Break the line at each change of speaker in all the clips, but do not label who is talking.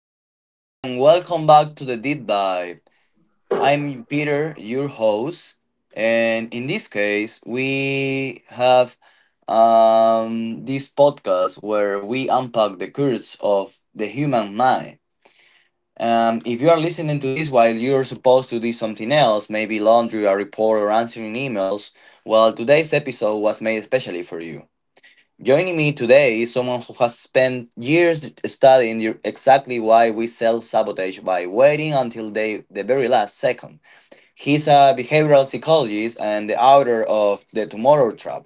Hello, and welcome back to the Deep Dive. I'm Peter, your host, and in this case, we have this podcast where we unpack the curse of the human mind. If you are listening to this while you're supposed to do something else, maybe laundry, a report, or answering emails, well, today's episode was made especially for you. Joining me today is someone who has spent years studying exactly why we self sabotage by waiting until they, the very last second. He's a behavioral psychologist and the author of The Tomorrow Trap.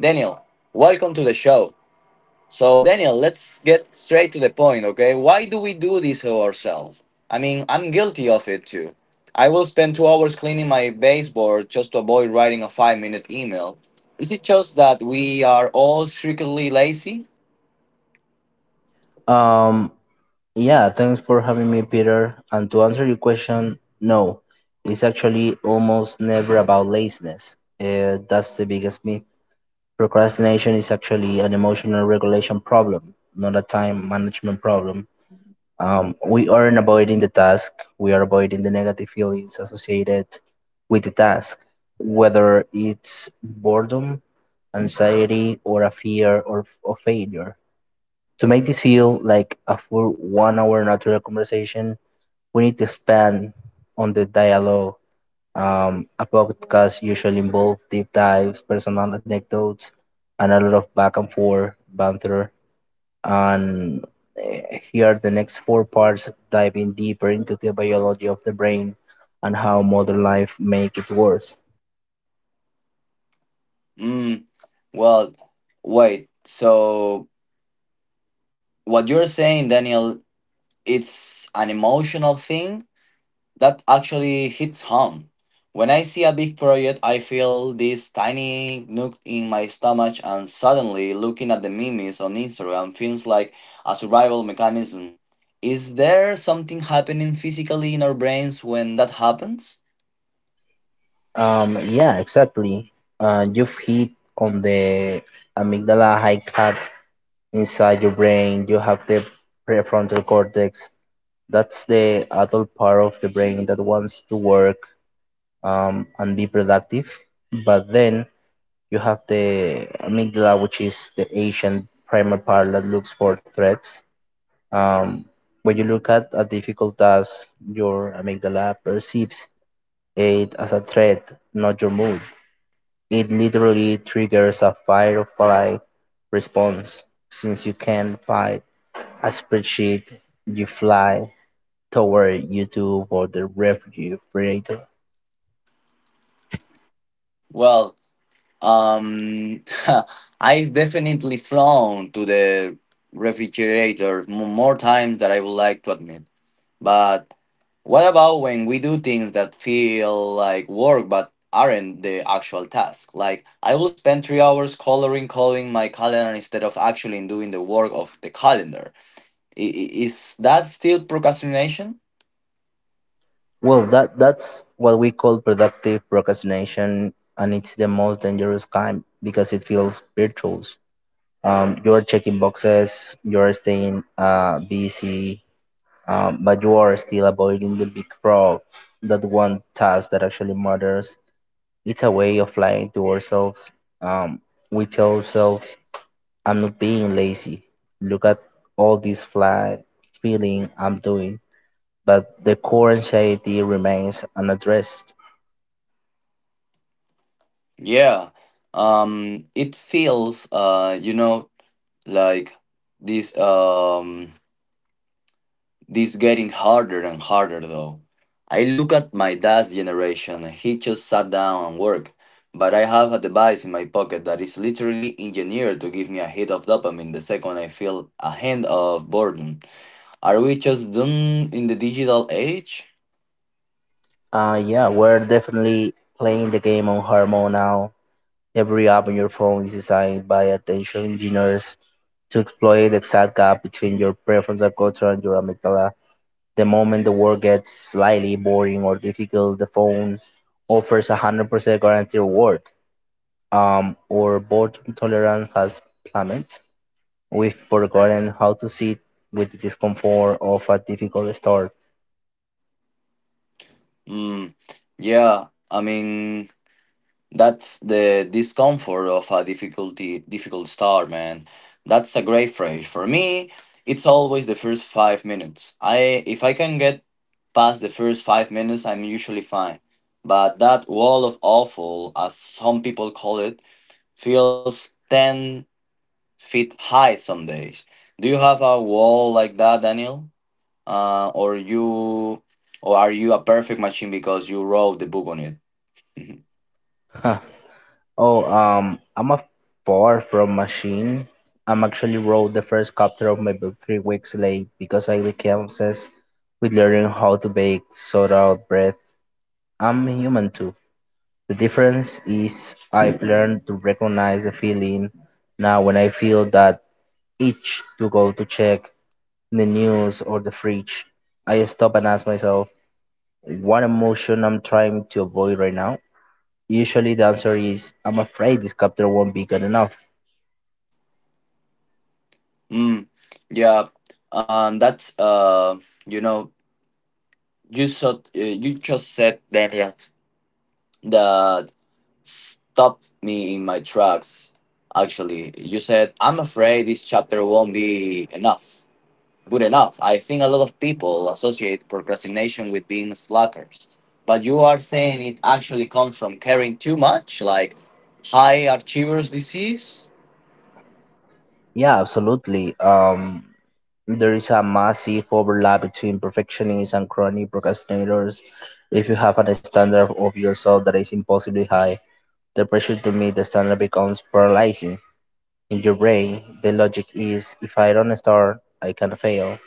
Daniel, welcome to the show. So, Daniel, let's get straight to the point, okay? Why do we do this to ourselves? I mean, I'm guilty of it too. I will spend 2 hours cleaning my baseboard just to avoid writing a 5 minute email. Is it just that we are all strictly lazy?
Um, yeah, thanks for having me, Peter. And to answer your question, no, it's actually almost never about laziness. That's the biggest myth. Procrastination is actually an emotional regulation problem, not a time management problem. We aren't avoiding the task, we are avoiding the negative feelings associated with the task, whether it's boredom, anxiety, or a fear or of failure. To make this feel like a full one-hour natural conversation, we need to expand on the dialogue. A podcast usually involves deep dives, personal anecdotes, and a lot of back and forth banter. And here are the next four parts diving deeper into the biology of the brain and how modern life make it worse.
Mm, well, wait. So, what you're saying, Daniel, it's an emotional thing? That actually hits home. When I see a big project, I feel this tiny nook in my stomach, and suddenly looking at the memes on Instagram feels like a survival mechanism. Is there something happening physically in our brains when that happens?
Yeah, exactly. You've hit on the amygdala high cut. Inside your brain you have the prefrontal cortex. That's the adult part of the brain that wants to work and be productive. But then you have the amygdala, which is the ancient primal part that looks for threats. Um, when you look at a difficult task, your amygdala perceives it as a threat, not your mood. It literally triggers a fight or flight response, since you can't fight a spreadsheet you fly toward, you do for the refrigerator.
Well, um, I've definitely flown to the refrigerator more times than I would like to admit. But what about when we do things that feel like work but aren't the actual task? Like, I will spend 3 hours coloring my calendar instead of actually doing the work of the calendar. Is that still procrastination?
Well, that's what we call productive procrastination, and it's the most dangerous kind because it feels virtual. You are checking boxes, you are staying busy, but you are still avoiding the big frog, that one task that actually matters. It's a way of lying to ourselves. Um, we tell ourselves I'm not being lazy. Look at all this fly feeling I'm doing. But the core anxiety remains unaddressed.
Yeah. It feels, like this. This getting harder and harder though. I look at my dad's generation, he just sat down and worked. But I have a device in my pocket that is literally engineered to give me a hit of dopamine the second I feel a hint of boredom. Are we just doomed in the digital age?
Yeah, we're definitely playing the game on hormone now. Every app on your phone is designed by attention engineers to exploit the exact gap between your prefrontal cortex and your amygdala. The moment the work gets slightly boring or difficult, the phone offers a 100% guaranteed reward. Or boredom tolerance has plummeted. We've forgotten how to sit with the discomfort of a difficult start.
Mm, yeah, I mean, that's the discomfort of a difficult start, man. That's a great phrase. For me, it's always the first 5 minutes. I If I can get past the first 5 minutes, I'm usually fine. But that wall of awful, as some people call it, feels 10 feet high some days. Do you have a wall like that, Daniel? Uh, or you, or are you a perfect machine because you wrote the book on it? Mm-hmm.
Huh. Oh, I'm a far from machine. I'm actually wrote the first chapter of my book 3 weeks late because I became obsessed with learning how to bake soda bread. I'm human too. The difference is I've learned to recognize the feeling now when I feel that itch to go to check the news or the fridge. I stop and ask myself, what emotion I'm trying to avoid right now? Usually the answer is I'm afraid this chapter won't be good enough.
Mm, yeah, that's you know, you said you just said Daniel. Yeah, that stopped me in my tracks. Actually, you said I'm afraid this chapter won't be enough, good enough. I think a lot of people associate procrastination with being slackers, but you are saying it actually comes from caring too much, like high achievers disease.
Yeah, absolutely. There is a massive overlap between perfectionists and chronic procrastinators. If you have a standard of yourself that is impossibly high, the pressure to meet the standard becomes paralyzing. In your brain, the logic is if I don't start, I can fail.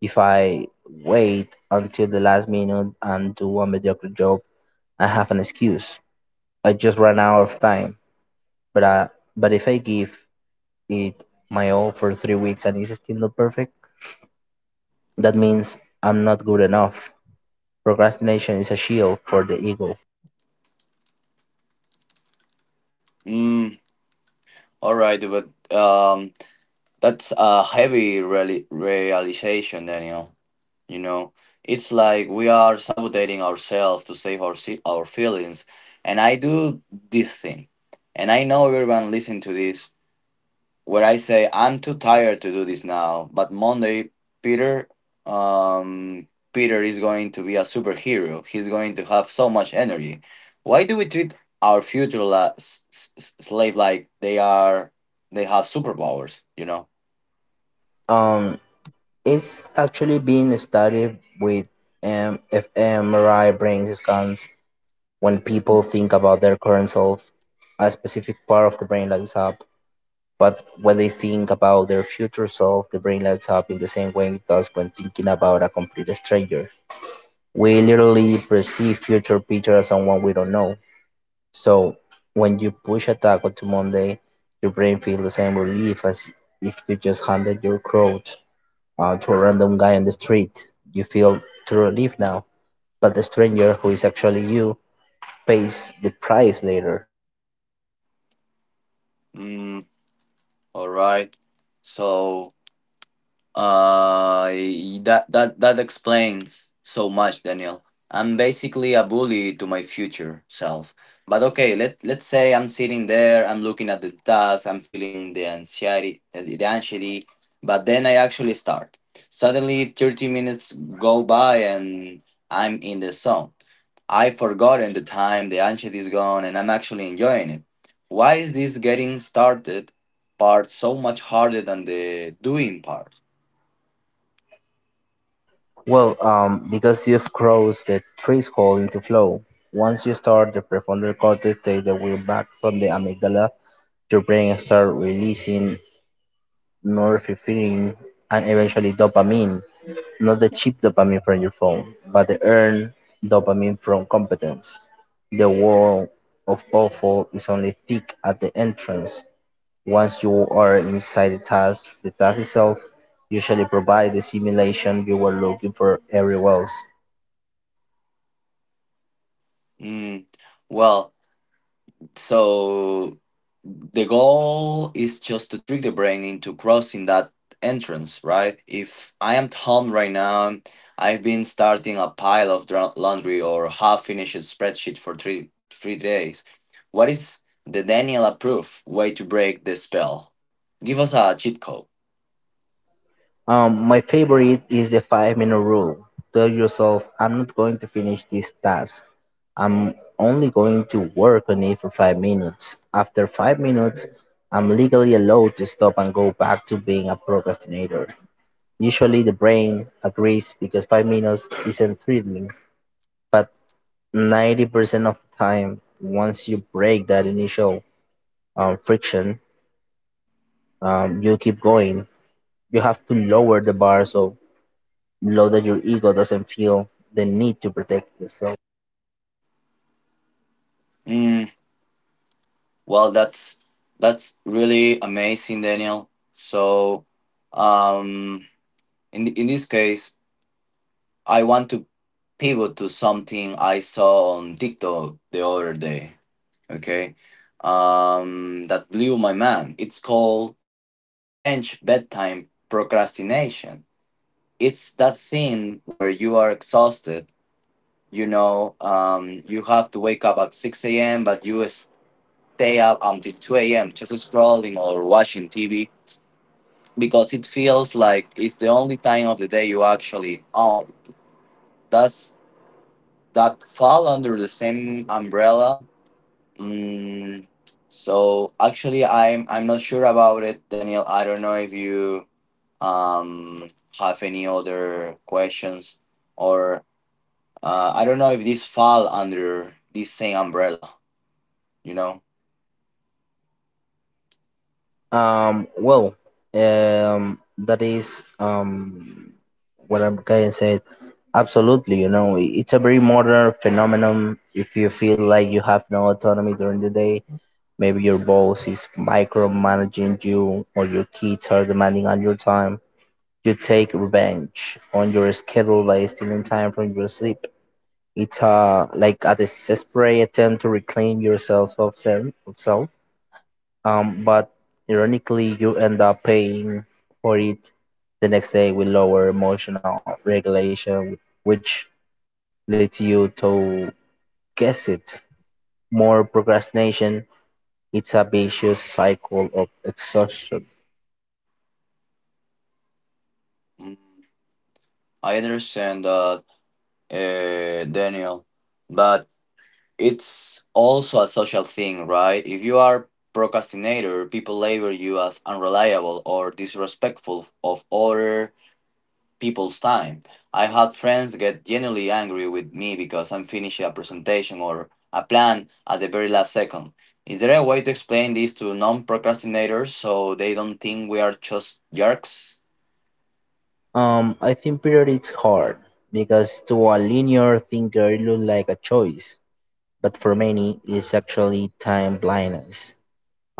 If I wait until the last minute and do a mediocre job, I have an excuse. I just ran out of time, but I, but if I give it my all for 3 weeks and it's still not perfect, that means I'm not good enough. Procrastination is a shield for the ego.
Mm, all right, but um. That's a heavy realization, Daniel. You know, it's like we are sabotaging ourselves to save our feelings. And I do this thing, and I know everyone listening to this, where I say I'm too tired to do this now. But Monday, Peter, um, Peter is going to be a superhero. He's going to have so much energy. Why do we treat our future slave like they are? They have superpowers, you know.
Um, it's actually been studied with MFMRI brain scans. When people think about their current self, a specific part of the brain lights up. But when they think about their future self, the brain lights up in the same way it does when thinking about a complete stranger. We literally perceive future Peter as someone we don't know. So when you push a taco to Monday, your brain feels the same relief as if you just handed your coat to a random guy on the street. You feel true relief now, but the stranger who is actually you pays the price later.
All right. So uh, that explains so much, Daniel. I'm basically a bully to my future self. But okay, let's say I'm sitting there, I'm looking at the task, I'm feeling the anxiety, the anxiety. But then I actually start. Suddenly, 30 minutes go by, and I'm in the zone. I've forgotten the time, the anxiety is gone, and I'm actually enjoying it. Why is this getting started part so much harder than the doing part?
Well, because you've crossed the threshold into flow. Once you start the prefrontal cortex, take the wheel back from the amygdala, your brain starts releasing norepinephrine, and eventually dopamine, not the cheap dopamine from your phone, but the earned dopamine from competence. The wall of awful is only thick at the entrance. Once you are inside the task itself usually provides the simulation you were looking for everywhere else.
Mm, well, so the goal is just to trick the brain into crossing that entrance, right? If I am at home right now, I've been starting a pile of laundry or half-finished spreadsheet for three days. What is the Daniel approved way to break the spell? Give us a cheat code.
My favorite is the 5 minute rule. Tell yourself, I'm not going to finish this task. I'm only going to work on it for 5 minutes. After 5 minutes, I'm legally allowed to stop and go back to being a procrastinator. Usually, the brain agrees because 5 minutes isn't thrilling, but 90% of the time, once you break that initial friction, you keep going. You have to lower the bar so below that your ego doesn't feel the need to protect yourself.
Mm, well, that's really amazing, Daniel. So, um, in this case. I want to pivot to something I saw on TikTok the other day. Okay, that blew my mind. It's called revenge bedtime procrastination. It's that thing where you are exhausted. You know, you have to wake up at six a.m., but you stay up until two a.m. just scrolling or watching TV because it feels like it's the only time of the day you actually own. That's that fall under the same umbrella. Mm, so actually, I'm not sure about it, Daniel. I don't know if you um have any other questions or I don't know if this fall under this same umbrella. You know,
Well, that is what I'm kind of saying. Absolutely, you know, it's a very modern phenomenon. If you feel like you have no autonomy during the day, maybe your boss is micromanaging you or your kids are demanding on your time. You take revenge on your schedule by stealing time from your sleep. It's like a desperate attempt to reclaim yourself of self, of self. But ironically, you end up paying for it the next day with lower emotional regulation, which leads you to guess it more procrastination. It's a vicious cycle of exhaustion.
Mm, I understand that, Daniel, but it's also a social thing, right? If you are procrastinator, people label you as unreliable or disrespectful of other people's time. I had friends get genuinely angry with me because I'm finishing a presentation or a plan at the very last second. Is there a way to explain this to non-procrastinators so they don't think we are just jerks?
I think period it's hard because to a linear thinker it looks like a choice, but for many it's actually time blindness.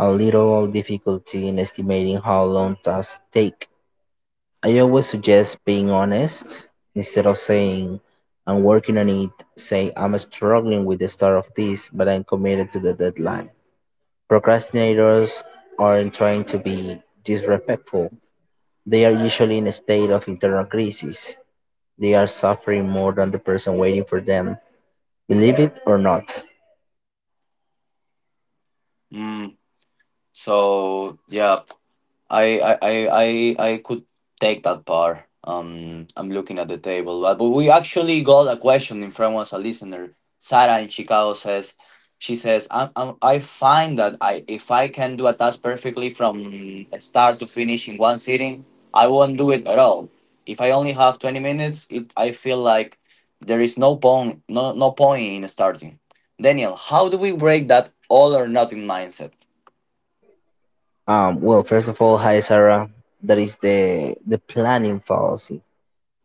A little difficulty in estimating how long tasks take. I always suggest being honest. Instead of saying, I'm working on it, say, I'm struggling with the start of this, but I'm committed to the deadline. Procrastinators aren't trying to be disrespectful. They are usually in a state of internal crisis. They are suffering more than the person waiting for them. Believe it or not.
Mm, so yeah, I I I I I could take that part. I'm looking at the table, but we actually got a question in front of us. A listener, Sarah in Chicago says, I am I find that I if I can do a task perfectly from start to finish in one sitting, I won't do it at all. If I only have 20 minutes, it I feel like there is no point in starting. Daniel, how do we break that all or nothing mindset?
Well, first of all, hi Sarah. That is the planning fallacy.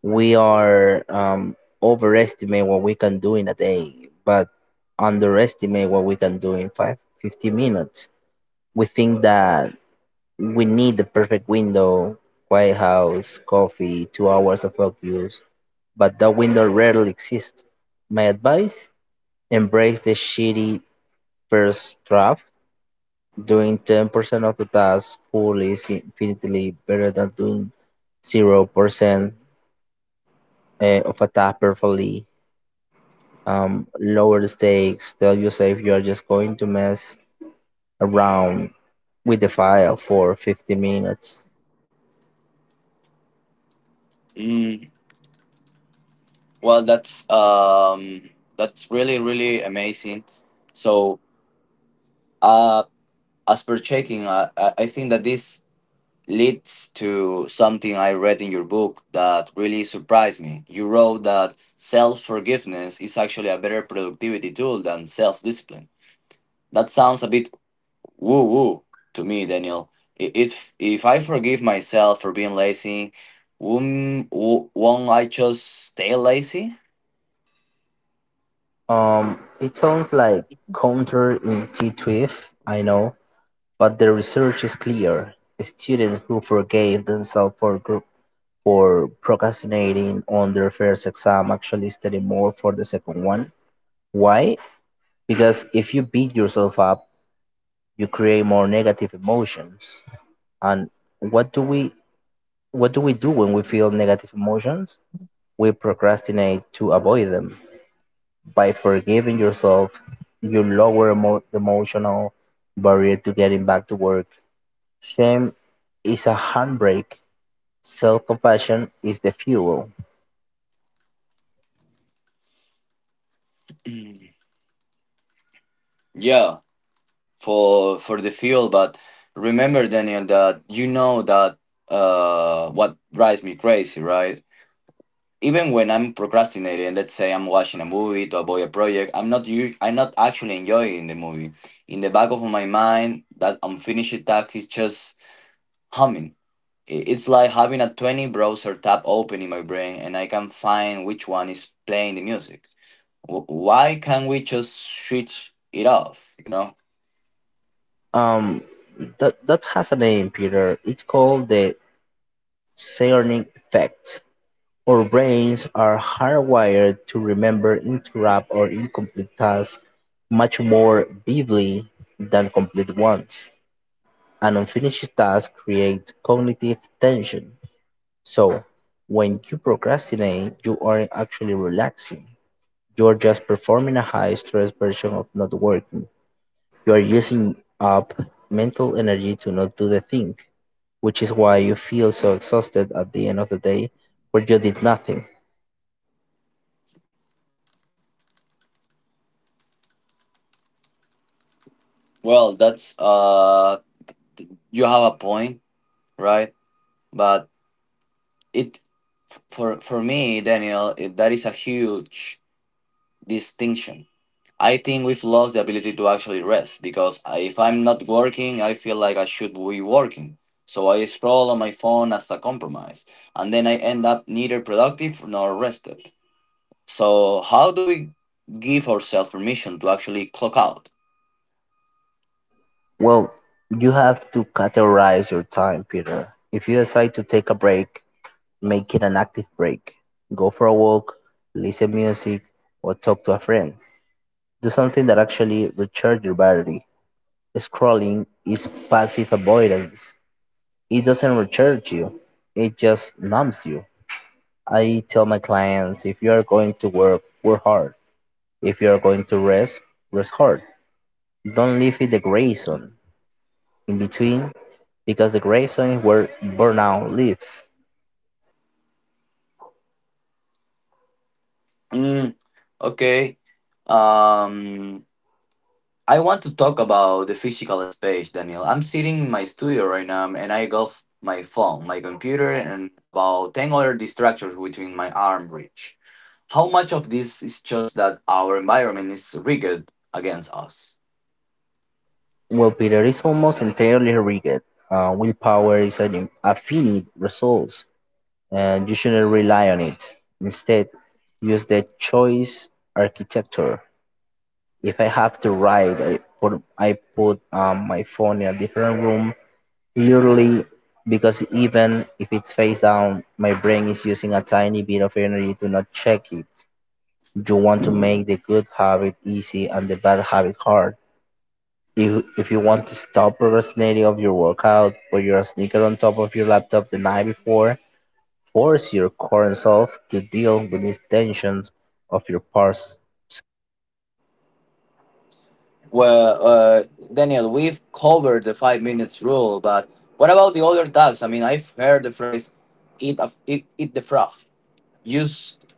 We are overestimate what we can do in a day, but underestimate what we can do in five, 15 minutes. We think that we need the perfect window, White House, coffee, 2 hours of focus, but that window rarely exists. My advice embrace the shitty first draft. Doing 10% of the task full is infinitely better than doing 0% of a task perfectly, lower stakes. Tell yourself you are just going to mess around with the file for 50 minutes.
Mm, Well, that's really really amazing. So, uh, as per checking, I think that this leads to something I read in your book that really surprised me. You wrote that self forgiveness is actually a better productivity tool than self discipline. That sounds a bit woo woo to me, Daniel. If I forgive myself for being lazy, won't won't I just stay lazy?
It sounds like counterintuitive, I know, but the research is clear. Students who forgave themselves for group for procrastinating on their first exam actually study more for the second one. Why? Because if you beat yourself up, you create more negative emotions. And what do we what do we do when we feel negative emotions? We procrastinate to avoid them. By forgiving yourself, you lower the emotional barrier to getting back to work. Shame is a handbrake. Self compassion is the fuel.
Yeah, for the fuel. But remember, Daniel, that you know that what drives me crazy, right? Even when I'm procrastinating, let's say I'm watching a movie to avoid a project, I'm not you. I'm not actually enjoying the movie. In the back of my mind, that unfinished task is just humming. It's like having a 20 browser tab open in my brain, and I can find which one is playing the music. Why can't we just switch it off? You know.
Um, that that has a name, Peter. It's called the Sarnik effect. Our brains are hardwired to remember interrupt or incomplete tasks much more vividly than complete ones. An unfinished task creates cognitive tension. So, when you procrastinate, you aren't actually relaxing. You're just performing a high stress version of not working. You are using up mental energy to not do the thing, which is why you feel so exhausted at the end of the day where you did nothing.
Well, that's you have a point, right? But it f- for me, Daniel, that is a huge distinction. I think we've lost the ability to actually rest because if I'm not working, I feel like I should be working. So I scroll on my phone as a compromise, and then I end up neither productive nor rested. So how do we give ourselves permission to actually clock out?
Well, you have to categorize your time, Peter. If you decide to take a break, make it an active break. Go for a walk, listen music, or talk to a friend. Do something that actually recharges your battery. Scrolling is passive avoidance. It doesn't recharge you, it just numbs you. I tell my clients if you are going to work, work hard. If you are going to rest, rest hard. Don't live in the gray zone. In between, because the grazon is where burnout lives.
Mm, okay. Um, I want to talk about the physical space, Daniel. I'm sitting in my studio right now and I got my phone, my computer, and about 10 other distractions within my arm reach. How much of this is just that our environment is rigged against us?
Well, Peter is almost entirely rigged. Willpower is an affinite resource, and you shouldn't rely on it. Instead, use the choice architecture. If I have to write, I put my phone in a different room, literally, because even if it's face down, my brain is using a tiny bit of energy to not check it. You want to make the good habit easy and the bad habit hard. If you want to stop procrastinating of your workout, put your sneaker on top of your laptop the night before, force your current self to deal with these tensions of your past.
Well, Daniel, we've covered the 5 minutes rule, but what about the other tags? I mean, I've heard the phrase eat the frog" used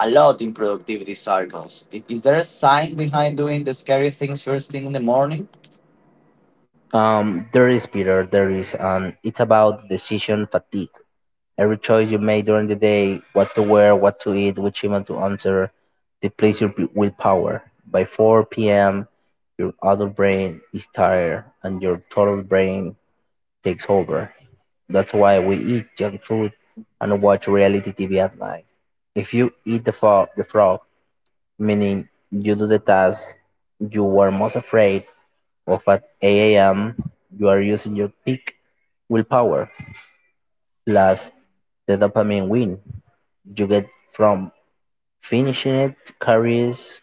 a lot in productivity circles. Is there a science behind doing the scary things first thing in the morning?
There is Peter, there is, and it's about decision fatigue. Every choice you make during the day, what to wear, what to eat, which email to answer, depletes your willpower. By 4 p.m., your adult brain is tired and your toddler brain takes over. That's why we eat junk food and watch reality TV at night. If you eat the frog, meaning you do the task you were most afraid of at 8 a.m., you are using your peak willpower plus the dopamine win you get from finishing it carries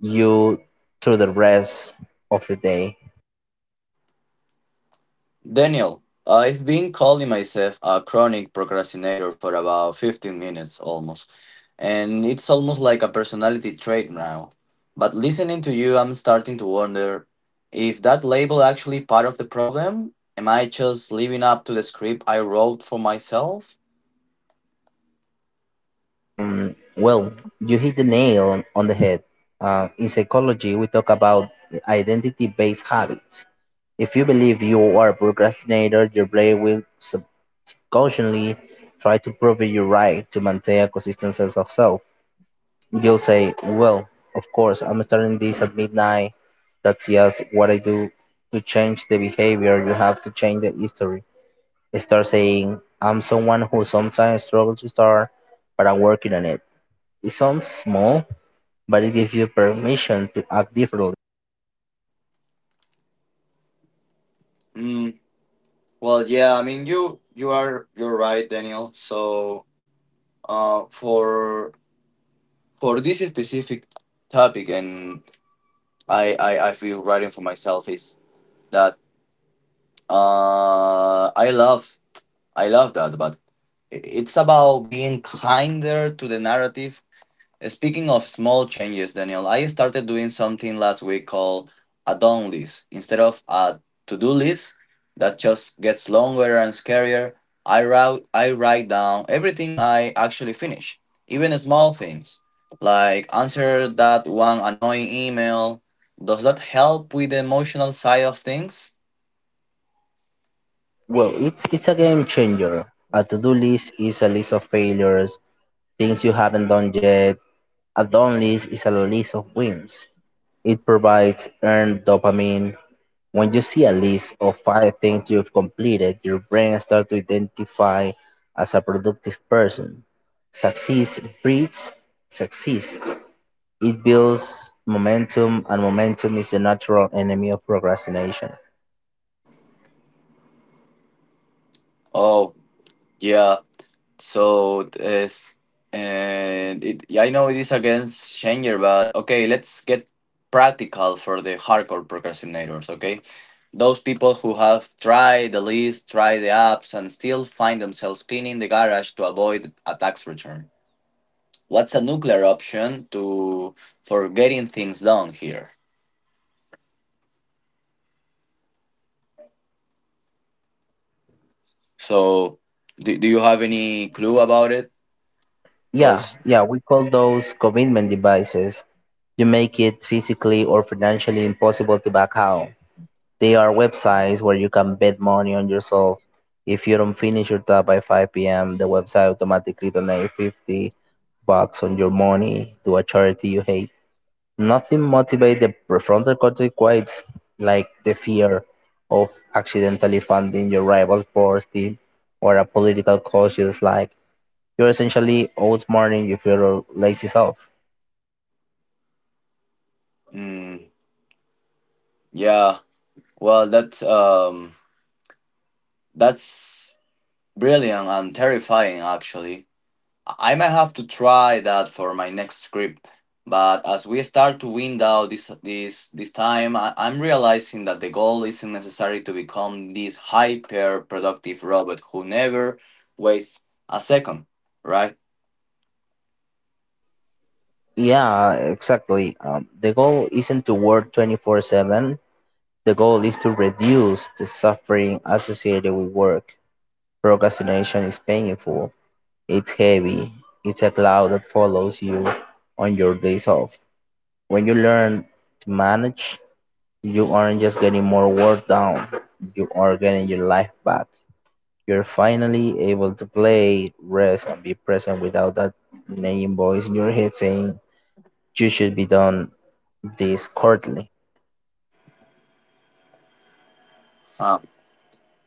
you through the rest of the day.
Daniel, I've been calling myself a chronic procrastinator for about 15 minutes almost, and it's almost like a personality trait now. But listening to you, I'm starting to wonder if that label actually part of the problem? Am I just living up to the script I wrote for myself?
Mm, well, you hit the nail on the head. In psychology, we talk about identity based habits. If you believe you are a procrastinator, your brain will subconsciously try to prove you right to maintain a consistent sense of self. You'll say, well, of course, I'm turning this at midnight. That's just what I do. To change the behavior, you have to change the history. Start saying, I'm someone who sometimes struggles to start, but I'm working on it. It sounds small, but it gives you permission to act differently.
Mm, well, yeah, I mean, you are you're right, Daniel. So Uh, for for this specific topic, and I feel writing for myself is that I love that, but it's about being kinder to the narrative. Speaking of small changes, Daniel, I started doing something last week called a done list. Instead of a to do list that just gets longer and scarier, I write down everything I actually finish, even small things like answer that one annoying email. Does that help with the emotional side of things?
Well, it's a game changer. A to do list is a list of failures, things you haven't done yet. A done list is a list of wins. It provides earned dopamine. When you see a list of five things you've completed, your brain starts to identify as a productive person. Success breeds success. It builds momentum, and momentum is the natural enemy of procrastination.
Oh, yeah. So it's and it yeah, I know it is against Schenger, but okay, let's get practical for the hardcore procrastinators, okay? Those people who have tried the list, tried the apps, and still find themselves cleaning the garage to avoid a tax return. What's a nuclear option to for getting things done here? So, do you have any clue about it?
Yeah,
Cause,
yeah, we call those commitment devices. You make it physically or financially impossible to back out. They are websites where you can bet money on yourself. If you don't finish your tab by 5 p.m., the website automatically donates $50 on your money to a charity you hate. Nothing motivates the prefrontal cortex quite like the fear of accidentally funding your rival sports team or a political cause you dislike. You're essentially outsmarting your fellow lazy self.
mm, yeah, well, that's brilliant and terrifying, actually. I might have to try that for my next script. But as we start to wind out this time, I'm realizing that the goal isn't necessary to become this hyper productive robot who never waits a second, right?
Yeah, exactly. The goal isn't to work 24/7. The goal is to reduce the suffering associated with work. Procrastination is painful, it's heavy, it's a cloud that follows you on your days off. When you learn to manage, you aren't just getting more work done, you are getting your life back. You're finally able to play, rest, and be present without that nagging voice in your head saying, you should be done this currently.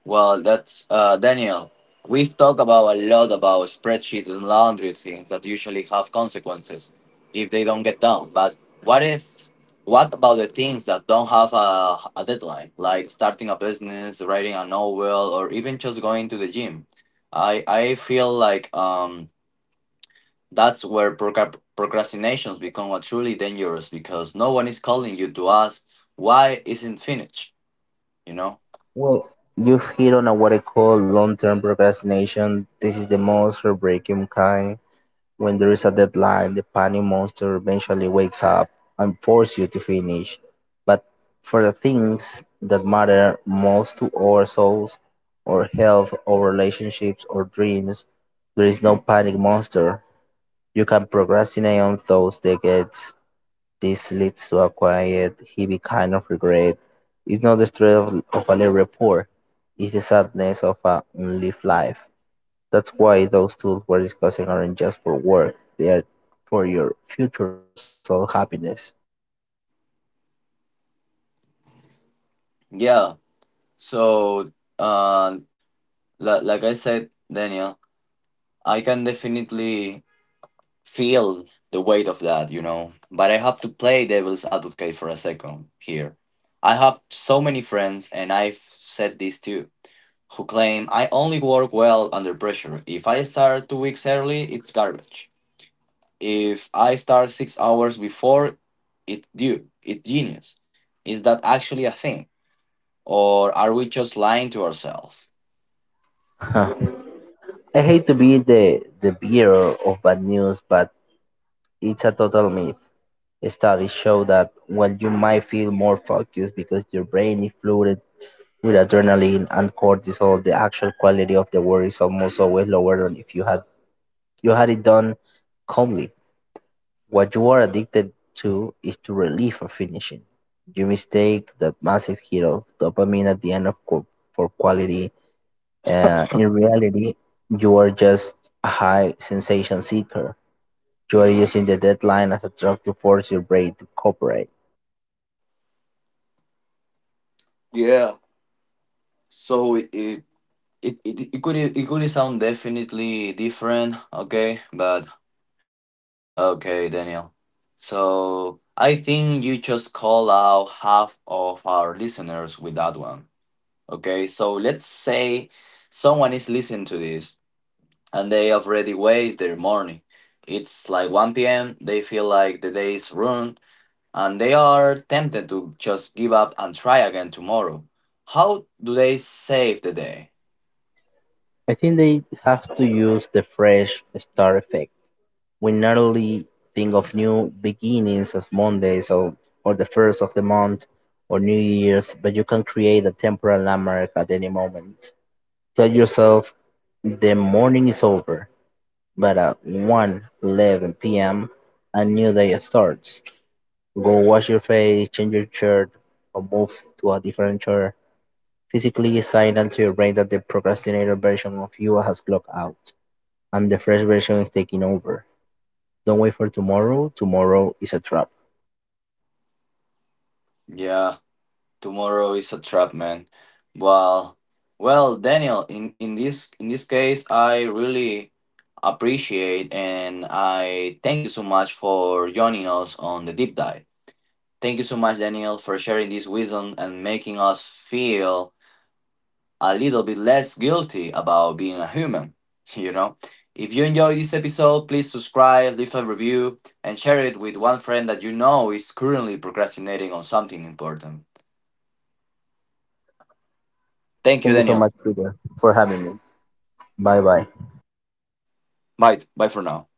Well, that's Daniel. We've talked about a lot about spreadsheets and laundry things that usually have consequences if they don't get done. But what if? What about the things that don't have a deadline, like starting a business, writing a novel, or even just going to the gym? I feel like that's where procrastinations become a truly dangerous because no one is calling you to ask why isn't finished. You know?
Well, you've hit on a what I call long-term procrastination. This is the most heartbreaking kind. When there is a deadline, the panic monster eventually wakes up and forces you to finish. But for the things that matter most to our souls, our health, our relationships, or dreams, there is no panic monster. You can procrastinate on those decades. This leads to a quiet, heavy kind of regret. It's not the stress of a late report, it's the sadness of a unlived life. That's why those tools we're discussing aren't just for work, they are for your future soul happiness.
Yeah. So. Uh, like I said, Daniel, I can definitely feel the weight of that, you know. But I have to play devil's advocate for a second here. I have so many friends, and I've said this too, who claim I only work well under pressure. If I start 2 weeks early, it's garbage. If I start 6 hours before, it's due. It's genius. Is that actually a thing? Or are we just lying to ourselves?
I hate to be the bearer of bad news, but it's a total myth. Studies show that while you might feel more focused because your brain is flooded with adrenaline and cortisol, the actual quality of the work is almost always lower than if you had it done calmly. What you are addicted to is to relief or finishing. You mistake that massive hit of dopamine at the end of for quality. In reality, you are just a high sensation seeker. You are using the deadline as a drug to force your brain to cooperate.
Yeah, so it. it it could sound definitely different, okay? But okay, Daniel. So I think you just call out half of our listeners with that one. Okay, so let's say someone is listening to this and they already waste their morning. It's like 1 p.m., they feel like the day is ruined, and they are tempted to just give up and try again tomorrow. How do they save the day?
I think they have to use the fresh start effect. We normally think of new beginnings as Mondays or the first of the month or New Year's, but you can create a temporal landmark at any moment. Tell yourself the morning is over, but at 1:11 p.m. a new day starts. Go wash your face, change your shirt, or move to a different chair. Physically signal to your brain that the procrastinator version of you has clocked out, and the fresh version is taking over. Don't wait for tomorrow, tomorrow is a trap.
Yeah. Tomorrow is a trap, man. Well, well, Daniel. In this case, I really appreciate and I thank you so much for joining us on the deep dive. Thank you so much, Daniel, for sharing this wisdom and making us feel a little bit less guilty about being a human. You know, if you enjoyed this episode, please subscribe, leave a review, and share it with one friend that you know is currently procrastinating on something important. Thank you,
Thank you so
Daniel.
much, Peter, for having me. Bye bye.
Bye. Bye for now.